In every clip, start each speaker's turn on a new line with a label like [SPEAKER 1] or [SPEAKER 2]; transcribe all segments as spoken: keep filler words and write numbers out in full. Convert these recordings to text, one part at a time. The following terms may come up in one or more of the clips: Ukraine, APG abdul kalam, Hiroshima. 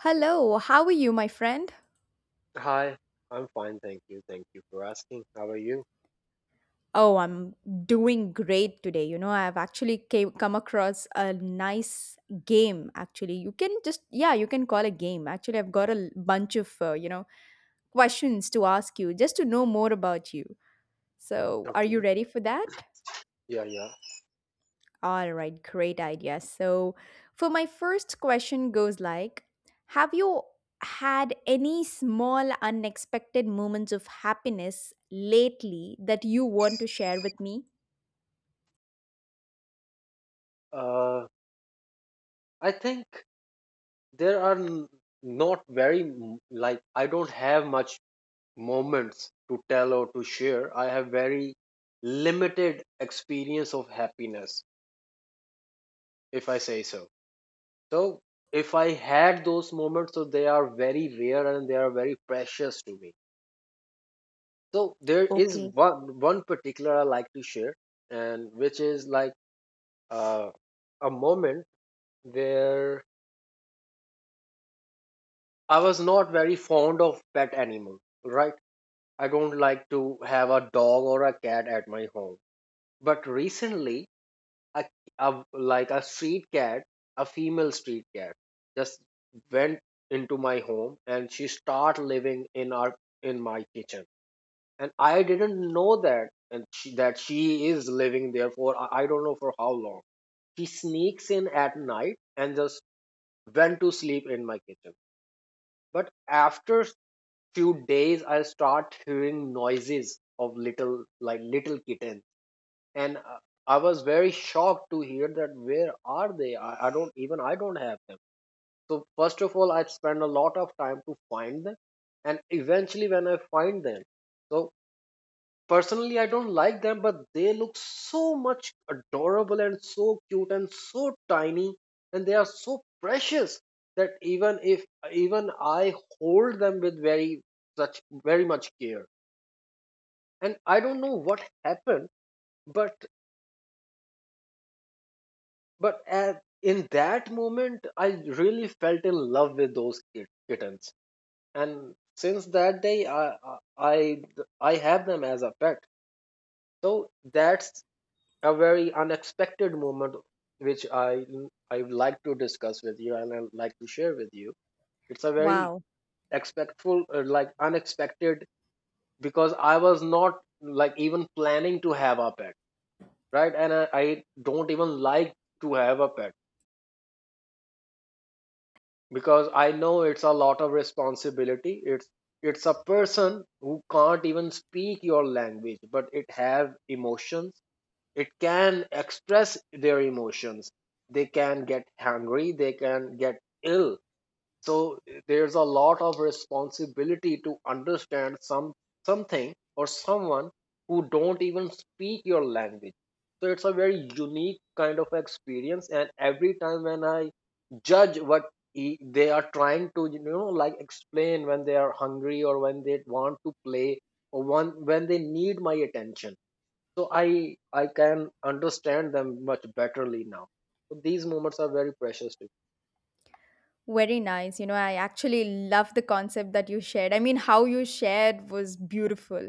[SPEAKER 1] Hello, how are you, my friend?
[SPEAKER 2] Hi, I'm fine, thank you. Thank you for asking. How are you?
[SPEAKER 1] Oh, I'm doing great today. You know, I've actually came, come across a nice game, actually. You can just, yeah, you can call a game. Actually, I've got a l- bunch of, uh, you know, questions to ask you just to know more about you. So, are you
[SPEAKER 2] Okay.
[SPEAKER 1] ready for that?
[SPEAKER 2] Yeah, yeah.
[SPEAKER 1] All right, great idea. So, for my first question goes like, have you had any small unexpected moments of happiness lately that you want to share with me?
[SPEAKER 2] Uh, I think there are n- not very m- like I don't have much moments to tell or to share. I have very limited experience of happiness, if I say so. So if I had those moments, so they are very rare and they are very precious to me. So there is
[SPEAKER 1] Okay.
[SPEAKER 2] one one particular I like to share, and which is like uh, a moment where I was not very fond of pet animals, right? I don't like to have a dog or a cat at my home. But recently, a, a, like a street cat, a female street cat, just went into my home and she started living in our in my kitchen. And I didn't know that and she, that she is living there for I I don't know for how long. She sneaks in at night and just went to sleep in my kitchen. But after few days, I start hearing noises of little like little kittens, and uh, I was very shocked to hear that where are they? I, I don't even I don't have them. So first of all, I spend a lot of time to find them, and eventually when I find them, so personally, I don't like them, but they look so much adorable and so cute and so tiny, and they are so precious that even if even I hold them with very such very much care. And I don't know what happened, but but at, in that moment, I really felt in love with those kit- kittens, and since that day, I I I I have them as a pet. So that's a very unexpected moment which I I would like to discuss with you and I'd like to share with you. It's a very
[SPEAKER 1] Wow.
[SPEAKER 2] expectful uh, like unexpected because I was not like even planning to have a pet, right? And I, I don't even like to have a pet because I know it's a lot of responsibility. It's it's a person who can't even speak your language, but it have emotions, it can express their emotions, they can get hungry, they can get ill, so there's a lot of responsibility to understand some something or someone who don't even speak your language. So it's a very unique kind of experience, and every time when I judge what he, they are trying to you know like explain when they are hungry or when they want to play or one when they need my attention, so i i can understand them much betterly now, so these moments are very precious to
[SPEAKER 1] Very nice. You know, I actually love the concept that you shared. I mean, how you shared was beautiful.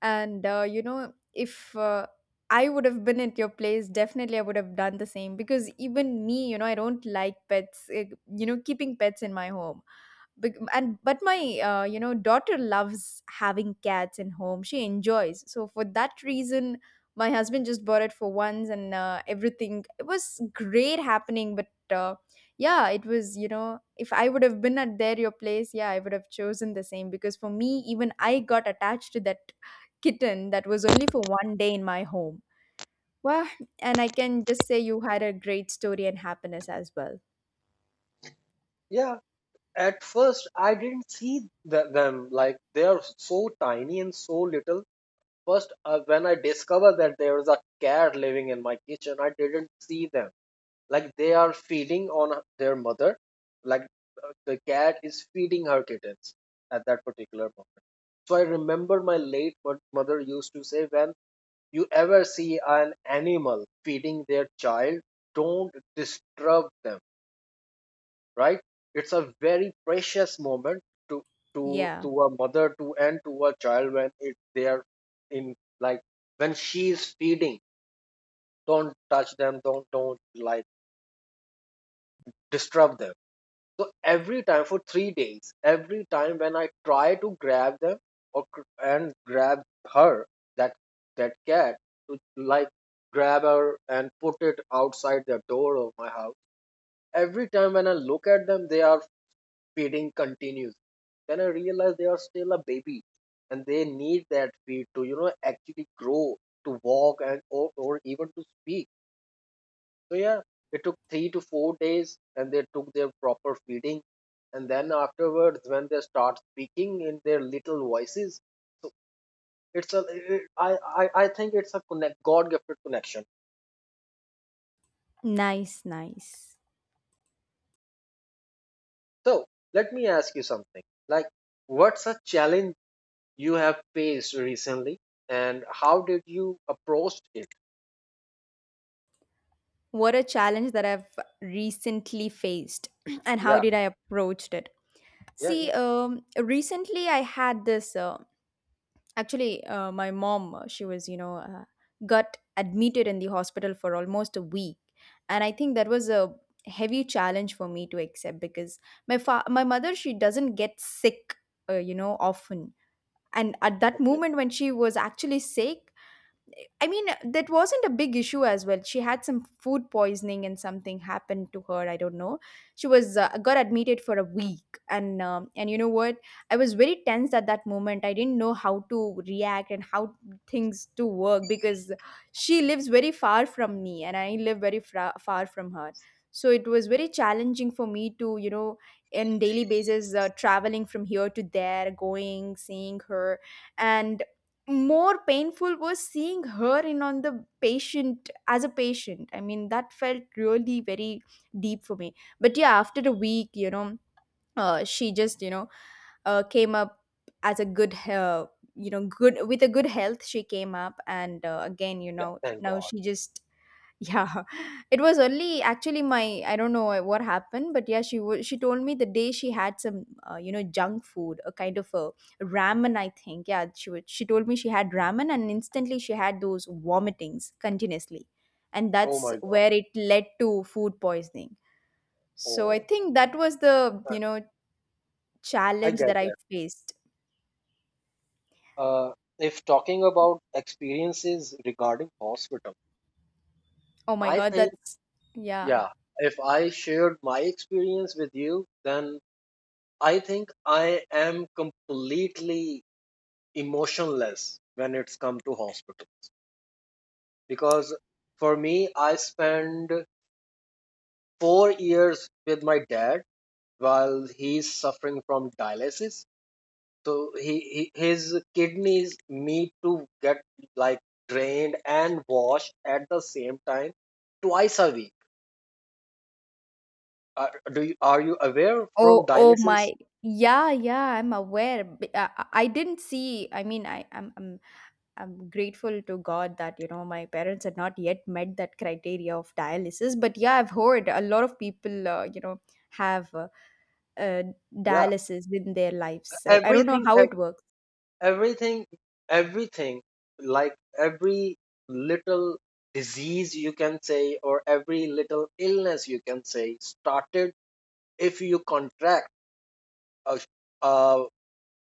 [SPEAKER 1] And, uh, you know, if uh, I would have been at your place, definitely I would have done the same because even me, you know, I don't like pets, eh, you know, keeping pets in my home. Bec- and but my uh, you know daughter loves having cats in home, she enjoys, so for that reason my husband just bought it for once, and uh, everything it was great happening. But uh, yeah, it was, you know if I would have been at there your place, yeah, I would have chosen the same because for me, even I got attached to that kitten that was only for one day in my home. Wow, and I can just say you had a great story and happiness as well.
[SPEAKER 2] me. Yeah, at first I didn't see th- them, like they are so tiny and so little. First uh, when I discovered that there is a cat living in my kitchen, I didn't see them, like they are feeding on their mother. Like uh, the cat is feeding her kittens at that particular moment. So I remember my late mo- mother used to say, when you ever see an animal feeding their child, don't disturb them, right? It's a very precious moment to to
[SPEAKER 1] Yeah.
[SPEAKER 2] to a mother to and to a child when it they are in, like, when she is feeding. Don't touch them. Don't don't like disturb them. So every time for three days, every time when I try to grab them or gr- and grab her, that that cat, to like grab her and put it outside the door of my house. Every time when I look at them, they are feeding continues. Then I realize they are still a baby, and they need that feed to you know actually grow, to walk and or, or even to speak. So yeah, it took three to four days, and they took their proper feeding, and then afterwards, when they start speaking in their little voices, so it's a it, I, I I think it's a connect God gifted connection.
[SPEAKER 1] Nice, nice.
[SPEAKER 2] So let me ask you something. Like, what's a challenge you have faced recently, and how did you approach it?
[SPEAKER 1] What a challenge that I've recently faced and how
[SPEAKER 2] Yeah,
[SPEAKER 1] did I approached it.
[SPEAKER 2] yeah, yeah.
[SPEAKER 1] See, um, recently I had this. Uh, actually, uh, my mom, uh, she was, you know, uh, got admitted in the hospital for almost a week, and I think that was a heavy challenge for me to accept because my fa- my mother, she doesn't get sick, uh, you know, often. And at that
[SPEAKER 2] Okay,
[SPEAKER 1] moment when she was actually sick, I mean, that wasn't a big issue as well. She had some food poisoning and something happened to her. I don't know. She was uh, got admitted for a week, and um, and you know what? I was very tense at that moment. I didn't know how to react and how things to work because she lives very far from me, and I live very fra- far from her. So it was very challenging for me to, you know, in daily basis, uh, traveling from here to there, going, seeing her, and more painful was seeing her in on the patient as a patient. I mean, that felt really very deep for me. But yeah, after a week, you know, uh, she just, you know uh, came up as a good, uh, you know good with a good health, she came up, and uh, again, you
[SPEAKER 2] yeah.
[SPEAKER 1] know,
[SPEAKER 2] Thank
[SPEAKER 1] now
[SPEAKER 2] God.
[SPEAKER 1] she just yeah, it was only actually my I don't know what happened, but yeah, she wa she told me the day she had some uh, you know junk food, a kind of a ramen, I think. Yeah, she wa she told me she had ramen, and instantly she had those vomitings continuously, and
[SPEAKER 2] Oh
[SPEAKER 1] that's
[SPEAKER 2] my God.
[SPEAKER 1] where it led to food poisoning. So I
[SPEAKER 2] Oh,
[SPEAKER 1] think that was the
[SPEAKER 2] I
[SPEAKER 1] you know
[SPEAKER 2] I
[SPEAKER 1] challenge
[SPEAKER 2] get
[SPEAKER 1] that I
[SPEAKER 2] that.
[SPEAKER 1] faced.
[SPEAKER 2] Uh, if talking about experiences regarding hospital,
[SPEAKER 1] Oh my
[SPEAKER 2] I
[SPEAKER 1] God,
[SPEAKER 2] think,
[SPEAKER 1] that's yeah.
[SPEAKER 2] yeah, if I shared my experience with you, then I think I am completely emotionless when it's come to hospitals. Because for me, I spend four years with my dad while he's suffering from dialysis. So he, he his kidneys need to get like drained and washed at the same time twice a week. Are, do you, are you aware from
[SPEAKER 1] Oh, oh
[SPEAKER 2] dialysis?
[SPEAKER 1] my. Yeah, yeah, I'm aware. B- I, I I didn't see. I mean, I, I'm, I'm I'm grateful to God that, you know, my parents had not yet met that criteria of dialysis. But yeah, I've heard a lot of people, uh, you know, have uh, uh,
[SPEAKER 2] Yeah,
[SPEAKER 1] dialysis in their lives. I, I don't know
[SPEAKER 2] everything
[SPEAKER 1] how
[SPEAKER 2] ev-
[SPEAKER 1] it works.
[SPEAKER 2] everything everything, like every little disease you can say or every little illness you can say started. If you contract a, a,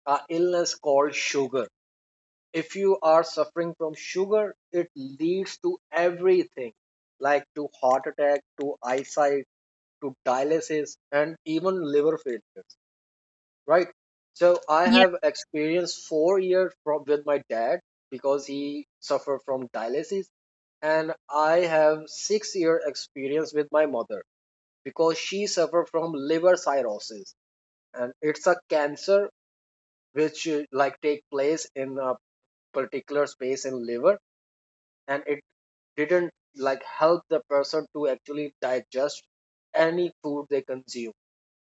[SPEAKER 2] a illness called sugar, if you are suffering from sugar, it leads to everything, like to heart attack, to eyesight, to dialysis, and even liver failures, right? So I
[SPEAKER 1] Yeah.
[SPEAKER 2] have experienced four years from with my dad because he suffered from dialysis, and I have six year experience with my mother because she suffered from liver cirrhosis, and it's a cancer which uh, like take place in a particular space in liver, and it didn't like help the person to actually digest any food they consume,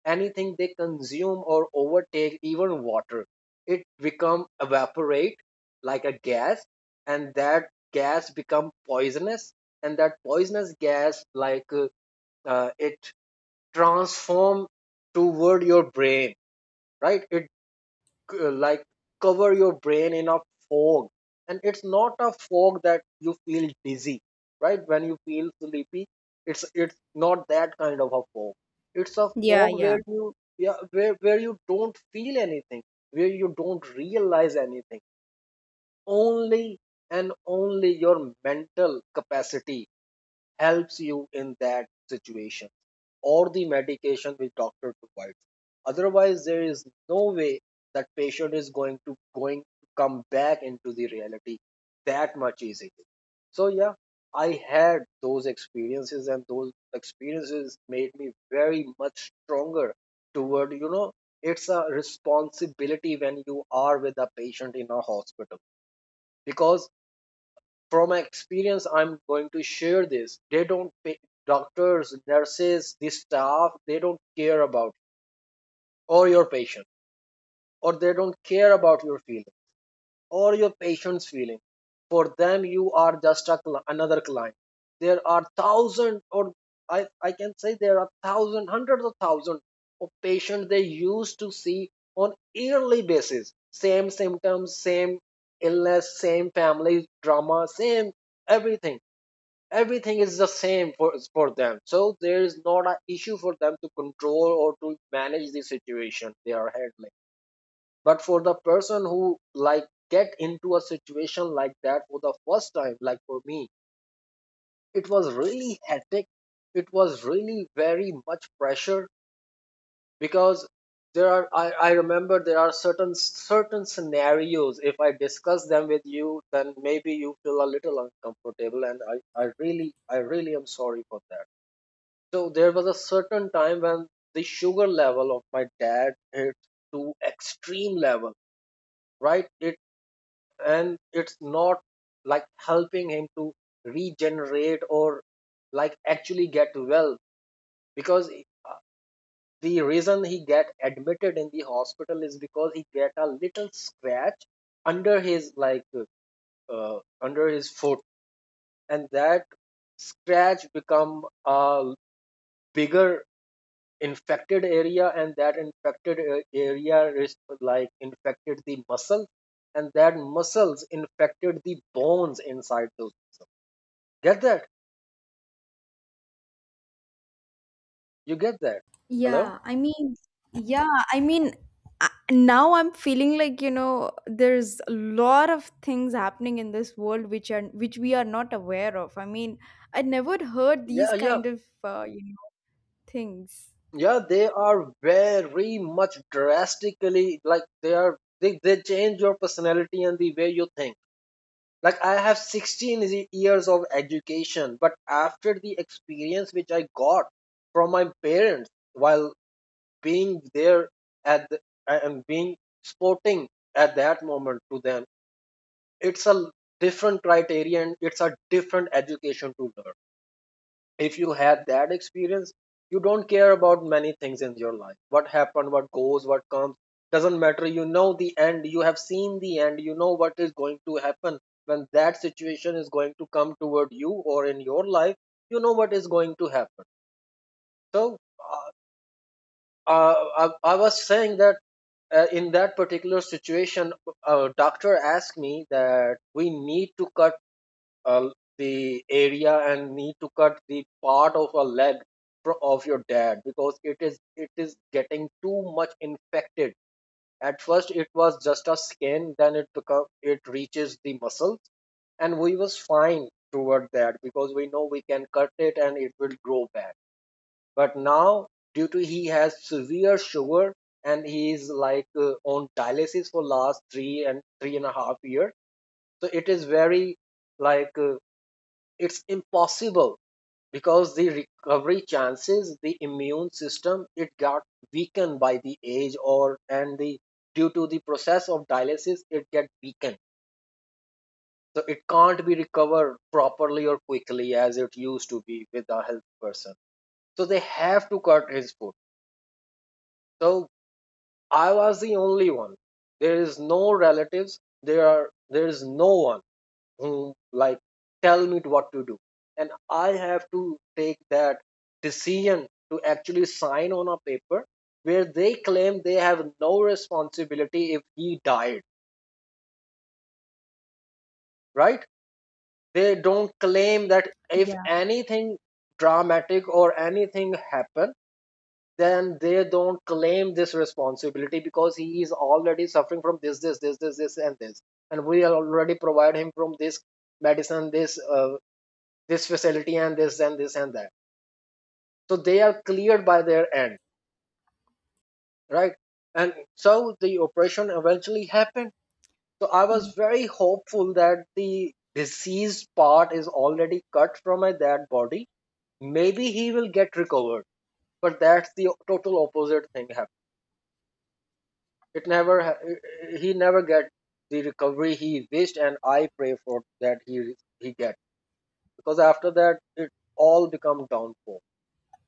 [SPEAKER 2] anything they consume or overtake, even water. It become evaporate like a gas, and that gas become poisonous, and that poisonous gas like uh, uh, it transform toward your brain, right? It c- like cover your brain in a fog, and it's not a fog that you feel dizzy, right, when you feel sleepy. It's it's not that kind of a fog. It's a
[SPEAKER 1] Yeah,
[SPEAKER 2] fog
[SPEAKER 1] yeah.
[SPEAKER 2] where you, yeah, where, where you don't feel anything, where you don't realize anything. Only and only your mental capacity helps you in that situation, or the medication which doctor provides. Otherwise, there is no way that patient is going to going to come back into the reality that much easily. So yeah, I had those experiences, and those experiences made me very much stronger toward you know it's a responsibility when you are with a patient in a hospital. Because from my experience, I'm going to share this, they don't pay, doctors, nurses, this staff, they don't care about you or your patient, or they don't care about your feeling or your patient's feeling. For them you are just a, cli- another client. There are thousand or, I, I can say there are thousand, hundreds of thousands of patients they used to see on yearly basis, same symptoms, same illness, same family drama, same everything. Everything is the same for for them, so there is not an issue for them to control or to manage the situation they are handling. But for the person who like get into a situation like that for the first time, like for me, it was really hectic, it was really very much pressure. Because there are, I, I remember there are certain certain scenarios, if I discuss them with you then maybe you feel a little uncomfortable, and i, I really, I really am sorry for that. So there was a certain time when the sugar level of my dad hit to extreme level, right? It and it's not like helping him to regenerate or like actually get well, because uh, the reason he get admitted in the hospital is because he get a little scratch under his like uh, under his foot, and that scratch become a bigger infected area, and that infected a- area is like infected the muscle, and that muscles infected the bones inside those. Get that? You get that? Hello?
[SPEAKER 1] Yeah, I mean, yeah, I mean, I- now I'm feeling like, you know, there's a lot of things happening in this world which are which we are not aware of. I mean, I never heard these
[SPEAKER 2] Yeah, yeah,
[SPEAKER 1] kind of uh, you know, things.
[SPEAKER 2] yeah, they are very much drastically, like they are they, they change your personality and the way you think. Like I have sixteen ye- years of education, but after the experience which I got from my parents while being there at the, and being sporting at that moment to them, it's a different criteria and it's a different education to learn. If you had that experience, you don't care about many things in your life, what happened, what goes, what comes, doesn't matter. You know the end, you have seen the end, you know what is going to happen. When that situation is going to come toward you or in your life, you know what is going to happen. So uh, uh, I, I was saying that uh, in that particular situation, a doctor asked me that we need to cut uh, the area and need to cut the part of a leg fro- of your dad because it is it is getting too much infected. At first, it was just a skin, then it become it reaches the muscles, and we was fine toward that because we know we can cut it and it will grow back, but now due to he has severe sugar and he is like uh, on dialysis for last three and three and a half year. So it is very like uh, it's impossible because the recovery chances, the immune system, it got weakened by the age or, and the, due to the process of dialysis it get weakened, so it can't be recovered properly or quickly as it used to be with a healthy person. So they have to cut his food. So I was the only one. There is no relatives. There are there is no one who like tell me what to do, and I have to take that decision to actually sign on a paper where they claim they have no responsibility if he died. Right? They don't claim that if
[SPEAKER 1] Yeah.
[SPEAKER 2] anything dramatic or anything happen, then they don't claim this responsibility because he is already suffering from this this this this this and this, and we already provide him from this medicine, this uh, this facility and this and this and that, so they are cleared by their end, right? And so the operation eventually happened. So I was
[SPEAKER 1] Y-
[SPEAKER 2] very hopeful that the diseased part is already cut from a dead body, maybe he will get recovered, but that's the total opposite thing happened. It never ha- he never get the recovery he wished, and I pray for that he he get because after that it all become downfall.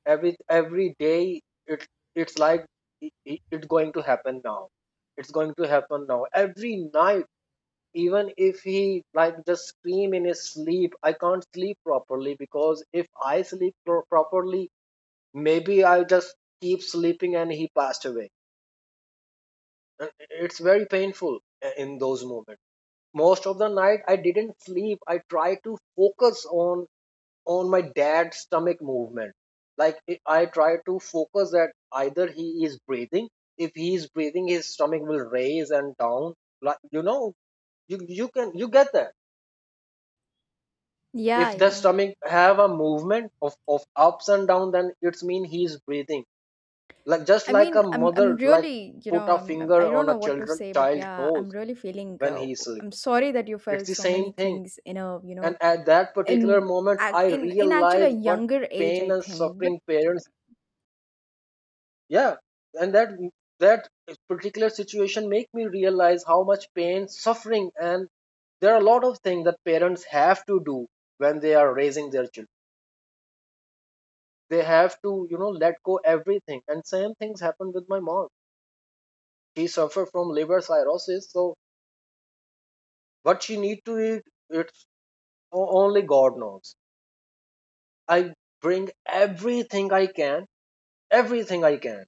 [SPEAKER 2] Every every day, it, it's like, it, it- it's going to happen now. It's going to happen now. Every night, even if he like just scream in his sleep, I can't sleep properly because if I sleep pro- properly, maybe I'll just keep sleeping and he passed away. Uh, It's very painful uh, in those moments. Most of the night I didn't sleep. I tried to focus on on my dad's stomach movement, like it, I tried to focus that either he is breathing. If he is breathing, his stomach will raise and down, like, you know, you you can, you get that?
[SPEAKER 1] Yeah,
[SPEAKER 2] If the
[SPEAKER 1] yeah.
[SPEAKER 2] stomach have a movement of, of ups and down, then it's mean he is breathing, like just
[SPEAKER 1] I
[SPEAKER 2] like
[SPEAKER 1] mean,
[SPEAKER 2] a
[SPEAKER 1] I'm I'm
[SPEAKER 2] mother like
[SPEAKER 1] really, you
[SPEAKER 2] put
[SPEAKER 1] know,
[SPEAKER 2] a
[SPEAKER 1] I'm I'm-
[SPEAKER 2] finger
[SPEAKER 1] I don't
[SPEAKER 2] on
[SPEAKER 1] know
[SPEAKER 2] a
[SPEAKER 1] what to
[SPEAKER 2] children
[SPEAKER 1] say, but
[SPEAKER 2] child
[SPEAKER 1] yeah, I'm
[SPEAKER 2] nose
[SPEAKER 1] really feeling.
[SPEAKER 2] when
[SPEAKER 1] Uh,
[SPEAKER 2] he is
[SPEAKER 1] I'm
[SPEAKER 2] sleeping.
[SPEAKER 1] sorry that you
[SPEAKER 2] It's
[SPEAKER 1] felt
[SPEAKER 2] the
[SPEAKER 1] so many
[SPEAKER 2] same thing.
[SPEAKER 1] things in a, you
[SPEAKER 2] And
[SPEAKER 1] know,
[SPEAKER 2] at that particular
[SPEAKER 1] in
[SPEAKER 2] moment,
[SPEAKER 1] ac-
[SPEAKER 2] I
[SPEAKER 1] in in actually a
[SPEAKER 2] realized what
[SPEAKER 1] younger age,
[SPEAKER 2] pain
[SPEAKER 1] I
[SPEAKER 2] and
[SPEAKER 1] think. But
[SPEAKER 2] suffering parents, yeah, and that that particular situation make me realize how much pain, suffering, and there are a lot of things that parents have to do when they are raising their children. They have to, you know, let go everything. And same things happened with my mom. She suffered from liver cirrhosis, so what she need to eat, it's o- only God knows. I bring everything I can, everything I can,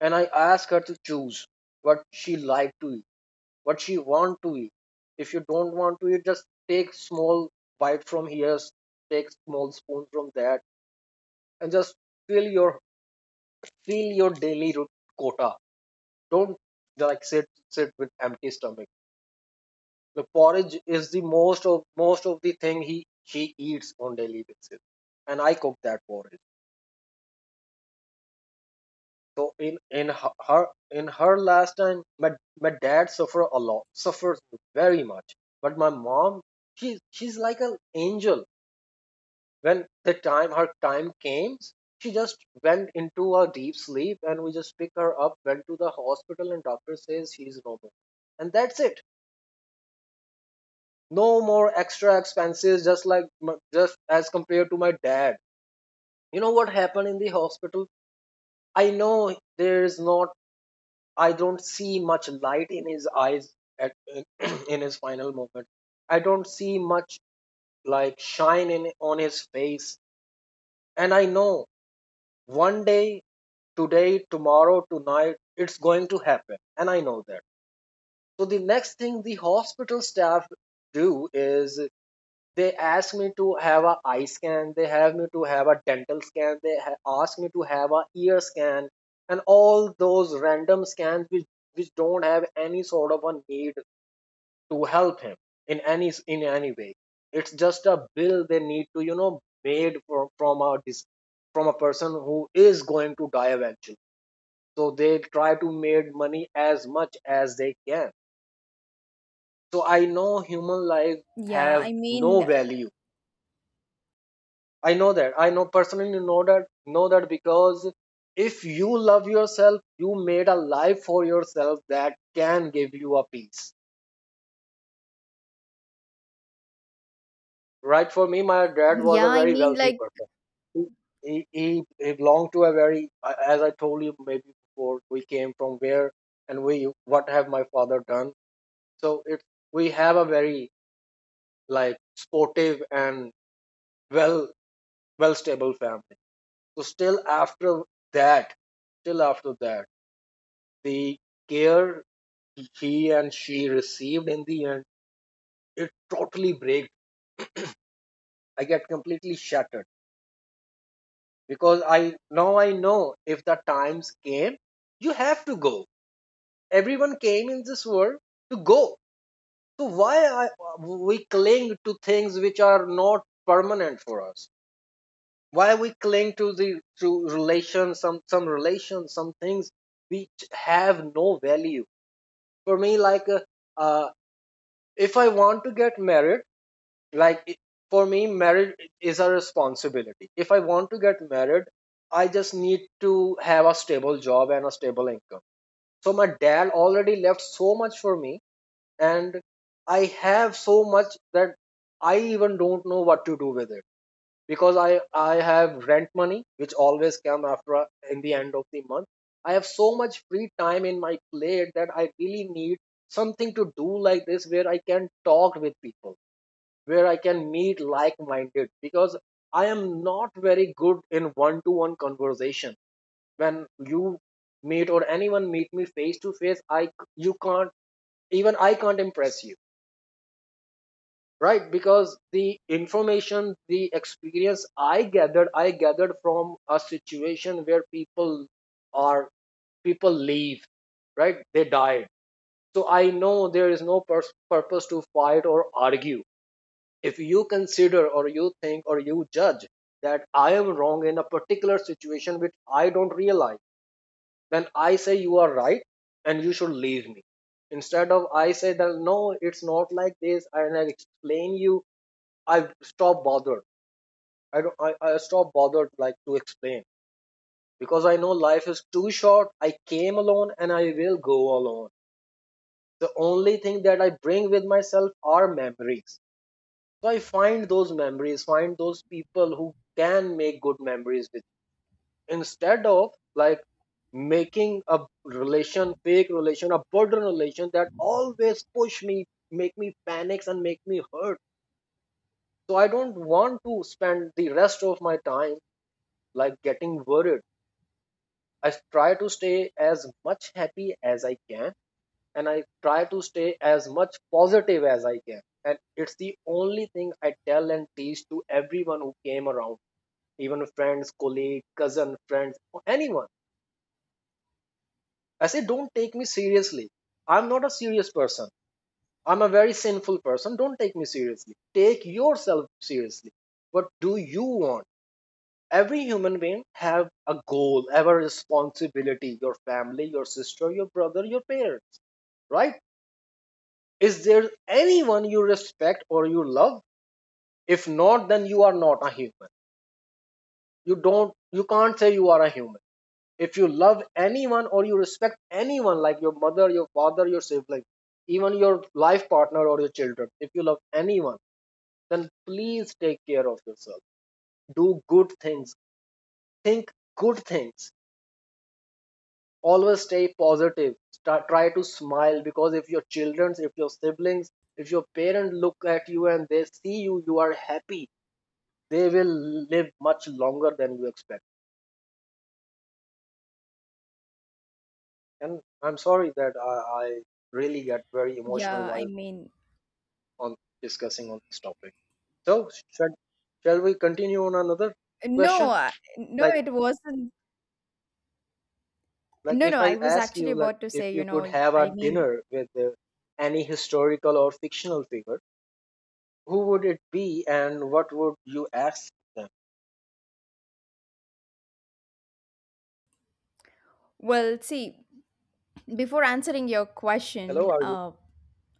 [SPEAKER 2] and I asked her to choose what she liked to eat, what she want to eat. If you don't want to eat, just take small bite from here, take small spoon from that, and just fill your fill your daily ro- quota. Don't like sit sit with empty stomach. The porridge is the most of most of the thing he she eats on daily basis, and I cook that porridge. So in in her her- in her last time, my my dad suffer a lot, suffers very much. But my mom, she she's like an angel. When the time her time came, she just went into a deep sleep, and we just pick her up, went to the hospital, and doctor says she's normal, and that's it. No more extra expenses, just like m- just as compared to my dad. You know what happened in the hospital? I know there is not, I don't see much light in his eyes at in his final moment. I don't see much like shine in on his face, and I know one day, today, tomorrow, tonight, it's going to happen, and I know that. So the next thing the hospital staff do is they ask me to have a eye scan, they have me to have a dental scan, they ha- ask me to have a ear scan, and all those random scans which which don't have any sort of a need to help him in any, in any way. It's just a bill they need to, you know, made from from a dis- from a person who is going to die eventually, so they try to make money as much as they can. So I know human life
[SPEAKER 1] yeah,
[SPEAKER 2] have
[SPEAKER 1] I mean,
[SPEAKER 2] no
[SPEAKER 1] uh,
[SPEAKER 2] value. I know that, I know, personally know that, know that because if you love yourself, you made a life for yourself that can give you a peace. Right, for me, my dad was
[SPEAKER 1] yeah,
[SPEAKER 2] a
[SPEAKER 1] I
[SPEAKER 2] very
[SPEAKER 1] mean,
[SPEAKER 2] wealthy
[SPEAKER 1] like,
[SPEAKER 2] person. He he, he he belonged to a very, uh, as I told you maybe before, we came from where and we what have my father done. So it's, we have a very like sportive and well, well stable family. So still after that, still after that, the care he and she received in the end, it totally breaks. I get completely shattered because I, now I know if the times came, you have to go. Everyone came in this world to go. So why I, we cling to things which are not permanent for us? Why we cling to the to relations, some some relations, some things which have no value for me? Like uh, uh, if I want to get married, like it, for me marriage is a responsibility. If I want to get married, I just need to have a stable job and a stable income. So my dad already left so much for me, and I have so much that I even don't know what to do with it, because i i have rent money which always come after, a- in the end of the month. I have so much free time in my plate that I really need something to do like this where I can talk with people, where I can meet like minded, because I am not very good in one to one conversation. When you meet or anyone meet me face to face, I, you can't, even I can't impress you, right? Because the information, the experience I gathered, I gathered from a situation where people are, people leave, right? They died. So I know there is no pers- purpose to fight or argue. If you consider or you think or you judge that I am wrong in a particular situation which I don't realize, then I say you are right and you should leave me. Instead of I say that no, it's not like this, and I explain you, I stop bothered. I don't I, I stop bothered like to explain because I know life is too short. I came alone and I will go alone. The only thing that I bring with myself are memories. So I find those memories, find those people who can make good memories with you, instead of like making a relation, fake relation, a burden relation that always push me, make me panics and make me hurt. So I don't want to spend the rest of my time like getting worried. I try to stay as much happy as I can, and I try to stay as much positive as I can. And it's the only thing I tell and teach to everyone who came around, even friends, colleague, cousin, friends, or anyone. I say, don't take me seriously. I'm not a serious person. I'm a very sinful person. Don't take me seriously. Take yourself seriously. What do you want? Every human being have a goal, have a responsibility. Your family, your sister, your brother, your parents, right? Is there anyone you respect or you love? If not, then you are not a human. You don't, you can't say you are a human if you love anyone or you respect anyone, like your mother, your father, your sibling, even your life partner or your children. If you love anyone, then please take care of yourself. Do good things, think good things, always stay positive. Start, try to smile, because if your children, if your siblings, if your parents look at you and they see you, you are happy, they will live much longer than you expect. And I'm sorry that i, I really get very emotional
[SPEAKER 1] yeah, I
[SPEAKER 2] while
[SPEAKER 1] mean,
[SPEAKER 2] on discussing on this topic. So shall, shall we continue on another
[SPEAKER 1] no,
[SPEAKER 2] question?
[SPEAKER 1] I- no,
[SPEAKER 2] Like
[SPEAKER 1] it wasn't.
[SPEAKER 2] like
[SPEAKER 1] No,
[SPEAKER 2] if
[SPEAKER 1] no, I
[SPEAKER 2] I
[SPEAKER 1] was
[SPEAKER 2] ask
[SPEAKER 1] actually
[SPEAKER 2] you, like,
[SPEAKER 1] about to
[SPEAKER 2] if
[SPEAKER 1] say, you
[SPEAKER 2] you
[SPEAKER 1] know,
[SPEAKER 2] could have
[SPEAKER 1] I
[SPEAKER 2] a
[SPEAKER 1] mean,
[SPEAKER 2] dinner with uh, any historical or fictional figure, who would it be and what would you ask them?
[SPEAKER 1] well, see, before answering your question,
[SPEAKER 2] Hello, are you?
[SPEAKER 1] uh,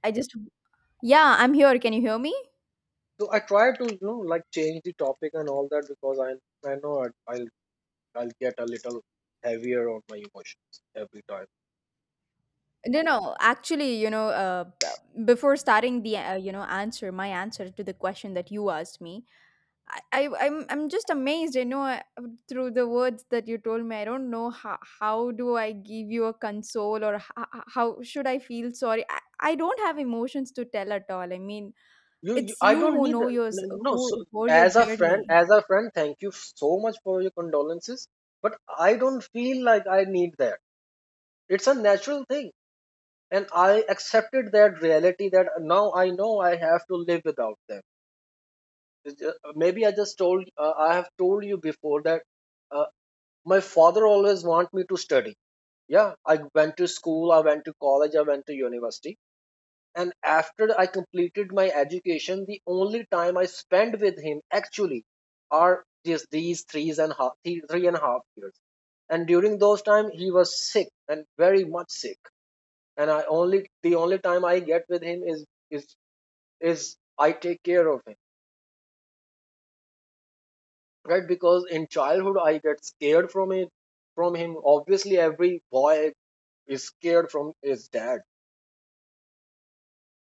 [SPEAKER 1] I just yeah, I'm here. Can you hear me?
[SPEAKER 2] So I try to, you know, like change the topic and all that, because I I know I, I'll I'll get a little heavier on my emotions every time.
[SPEAKER 1] No, no. Actually, you know, uh, b- before starting the uh, you know answer, my answer to the question that you asked me, I, I I'm I'm just amazed. You know, uh, through the words that you told me, I don't know how how do I give you a console or how, how should I feel sorry? I, I don't have emotions to tell at all. I mean,
[SPEAKER 2] you, you
[SPEAKER 1] it's
[SPEAKER 2] I
[SPEAKER 1] you
[SPEAKER 2] don't
[SPEAKER 1] who
[SPEAKER 2] need
[SPEAKER 1] know
[SPEAKER 2] that, no.
[SPEAKER 1] yours,
[SPEAKER 2] No, so
[SPEAKER 1] who who your
[SPEAKER 2] as a friend,
[SPEAKER 1] journey.
[SPEAKER 2] as a friend, thank you so much for your condolences, but I don't feel like I need that. It's a natural thing, and I accepted that reality that now I know I have to live without them. It's ju- uh, maybe i just told uh, I have told you before that uh, my father always want me to study. Yeah, I went to school, I went to college, I went to university. And after I completed my education, the only time I spent with him actually are just these three and half, three and a half years. And during those time, he was sick and very much sick. And I only the only time I get with him is, is is I take care of him, right? Because in childhood, I get scared from it from him. Obviously, every boy is scared from his dad.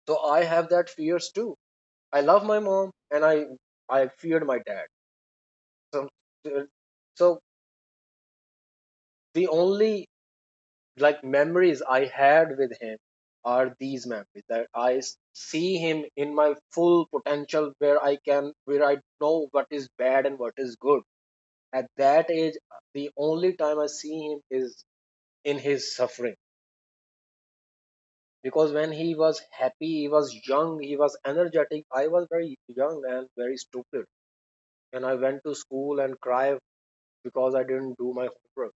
[SPEAKER 2] So I have that fears too. I love my mom, and I I feared my dad some, so the only like memories I had with him are these memories that I see him in my full potential, where I can, where I know what is bad and what is good. At that age, the only time I see him is in his suffering, because when he was happy, he was young, he was energetic, I was very young and very stupid, and I went to school and cry because I didn't do my homework.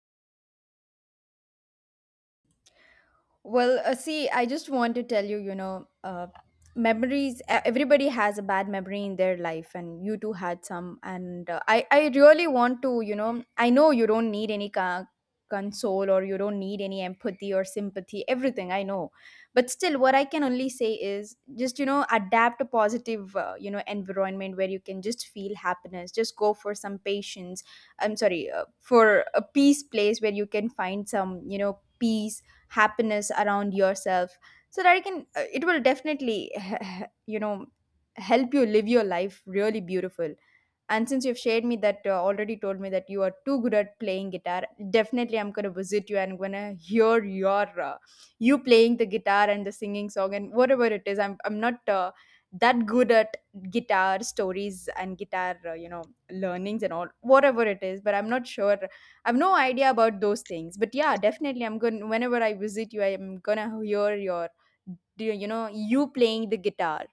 [SPEAKER 1] Well, uh, see, I just want to tell you, you know, uh, memories. e- Everybody has a bad memory in their life, and you too had some. And uh, I, I really want to, you know, I know you don't need any ca- console or you don't need any empathy or sympathy. Everything I know, but still, what I can only say is just, you know, adapt a positive, uh, you know, environment where you can just feel happiness. Just go for some patience. I'm sorry, uh, for a peace place where you can find some, you know, peace happiness around yourself so that you can uh, it will definitely you know help you live your life really beautiful. And since you've shared me that uh, already told me that you are too good at playing guitar, definitely I'm going to visit you, and I'm going to hear your uh, you playing the guitar and the singing song and whatever it is. I'm I'm not uh, that good at guitar stories and guitar, uh, you know learnings and all, whatever it is, but I'm not sure. I've no idea about those things. But yeah, definitely I'm going to, whenever I visit you, I'm going to hear your do you know you playing the guitar.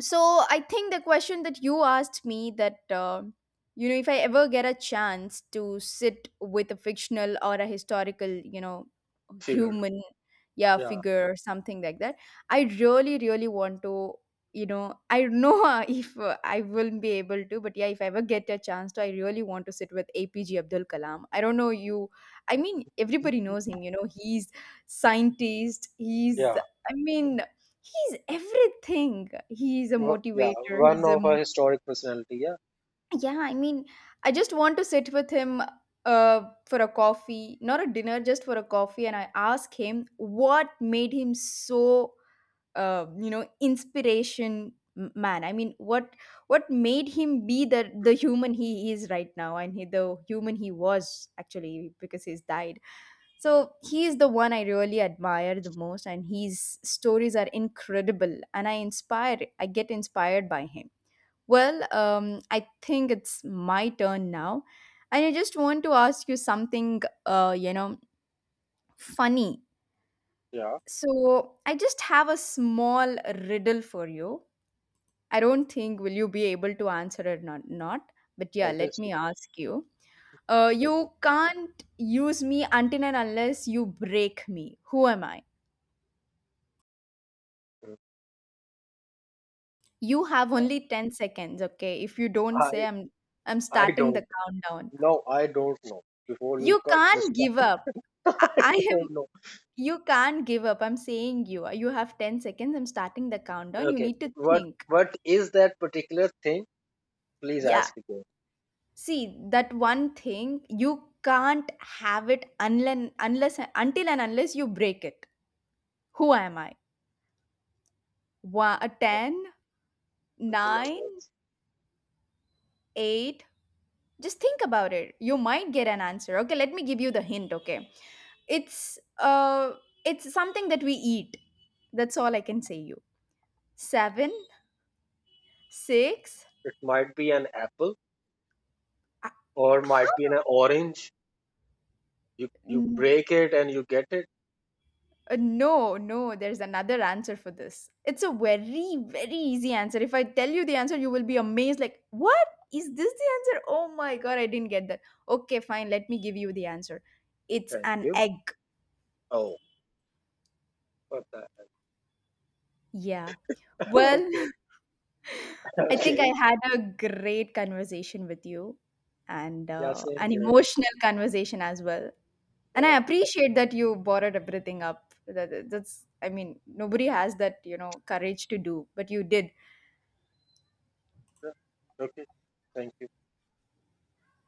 [SPEAKER 1] So I think the question that you asked me that uh, you know if I ever get a chance to sit with a fictional or a historical, you know
[SPEAKER 2] Figure.
[SPEAKER 1] human, yeah,
[SPEAKER 2] Yeah,
[SPEAKER 1] figure or something like that, I really really want to, you know I don't know if uh, I will be able to, but yeah, if I ever get a chance to, I really want to sit with A P G Abdul Kalam. I don't know you. I mean, everybody knows him. You know, he's scientist. He's
[SPEAKER 2] yeah.
[SPEAKER 1] I mean, he's everything. He is a
[SPEAKER 2] Wha- Yeah,
[SPEAKER 1] motivator.
[SPEAKER 2] one
[SPEAKER 1] He's a
[SPEAKER 2] of a
[SPEAKER 1] mo-
[SPEAKER 2] historic personality. Yeah.
[SPEAKER 1] yeah. I mean, I just want to sit with him, uh, for a coffee, not a dinner, just for a coffee, and I ask him what made him so, uh, you know inspiration m- man. I mean, what what made him be the the human he is right now, and he, the human he was, actually, because he's died. So he's the one I really admire the most, and his stories are incredible, and I inspire. I get inspired by him. Well, um, I think it's my turn now, and I just want to ask you something, uh, you know, funny.
[SPEAKER 2] Yeah.
[SPEAKER 1] So I just have a small riddle for you. I don't think will you be able to answer it or not, but yeah, let
[SPEAKER 2] Obviously.
[SPEAKER 1] me ask you. Uh,
[SPEAKER 2] Okay.
[SPEAKER 1] you can't use me until and unless you break me. Who am I?
[SPEAKER 2] Mm.
[SPEAKER 1] You have only ten seconds, okay? If you don't
[SPEAKER 2] I
[SPEAKER 1] say, I'm I'm
[SPEAKER 2] I
[SPEAKER 1] starting
[SPEAKER 2] don't
[SPEAKER 1] the countdown.
[SPEAKER 2] know. I don't know. Before you
[SPEAKER 1] You
[SPEAKER 2] cut this,
[SPEAKER 1] can't
[SPEAKER 2] part,
[SPEAKER 1] give up. I,
[SPEAKER 2] I
[SPEAKER 1] I am
[SPEAKER 2] don't know.
[SPEAKER 1] you can't give up. I'm saying you. uh, You have ten seconds. I'm starting the countdown. You
[SPEAKER 2] Okay,
[SPEAKER 1] need to
[SPEAKER 2] what
[SPEAKER 1] think.
[SPEAKER 2] what is that particular thing? Please
[SPEAKER 1] Yeah.
[SPEAKER 2] ask again.
[SPEAKER 1] See, that one thing you can't have it unless unless until and unless you break it. Who am I? One, ten, nine, eight. Just think about it, you might get an answer. Okay, let me give you the hint. Okay, it's uh it's something that we eat. That's all I can say, you. Seven, six.
[SPEAKER 2] It might be an apple
[SPEAKER 1] uh,
[SPEAKER 2] or
[SPEAKER 1] how
[SPEAKER 2] might be an orange. You you
[SPEAKER 1] n-
[SPEAKER 2] break it and you get it.
[SPEAKER 1] uh, no, no, there's another answer for this. It's a very very easy answer. If I tell you the answer, you will be amazed, like, what is this, the answer? Oh my God, I didn't get that. Okay, fine, let me give you the answer. It's
[SPEAKER 2] Thank
[SPEAKER 1] an
[SPEAKER 2] you.
[SPEAKER 1] egg.
[SPEAKER 2] Oh, what the?
[SPEAKER 1] Yeah, well,
[SPEAKER 2] Okay,
[SPEAKER 1] I think I
[SPEAKER 2] okay.
[SPEAKER 1] had a great conversation with you and
[SPEAKER 2] Yeah,
[SPEAKER 1] uh,
[SPEAKER 2] same
[SPEAKER 1] an
[SPEAKER 2] here.
[SPEAKER 1] emotional conversation as well. And
[SPEAKER 2] Yeah,
[SPEAKER 1] I appreciate that you borrowed everything up. That, that's, I mean, nobody has that, you know, courage to do, but you did.
[SPEAKER 2] yeah. Okay. Thank you.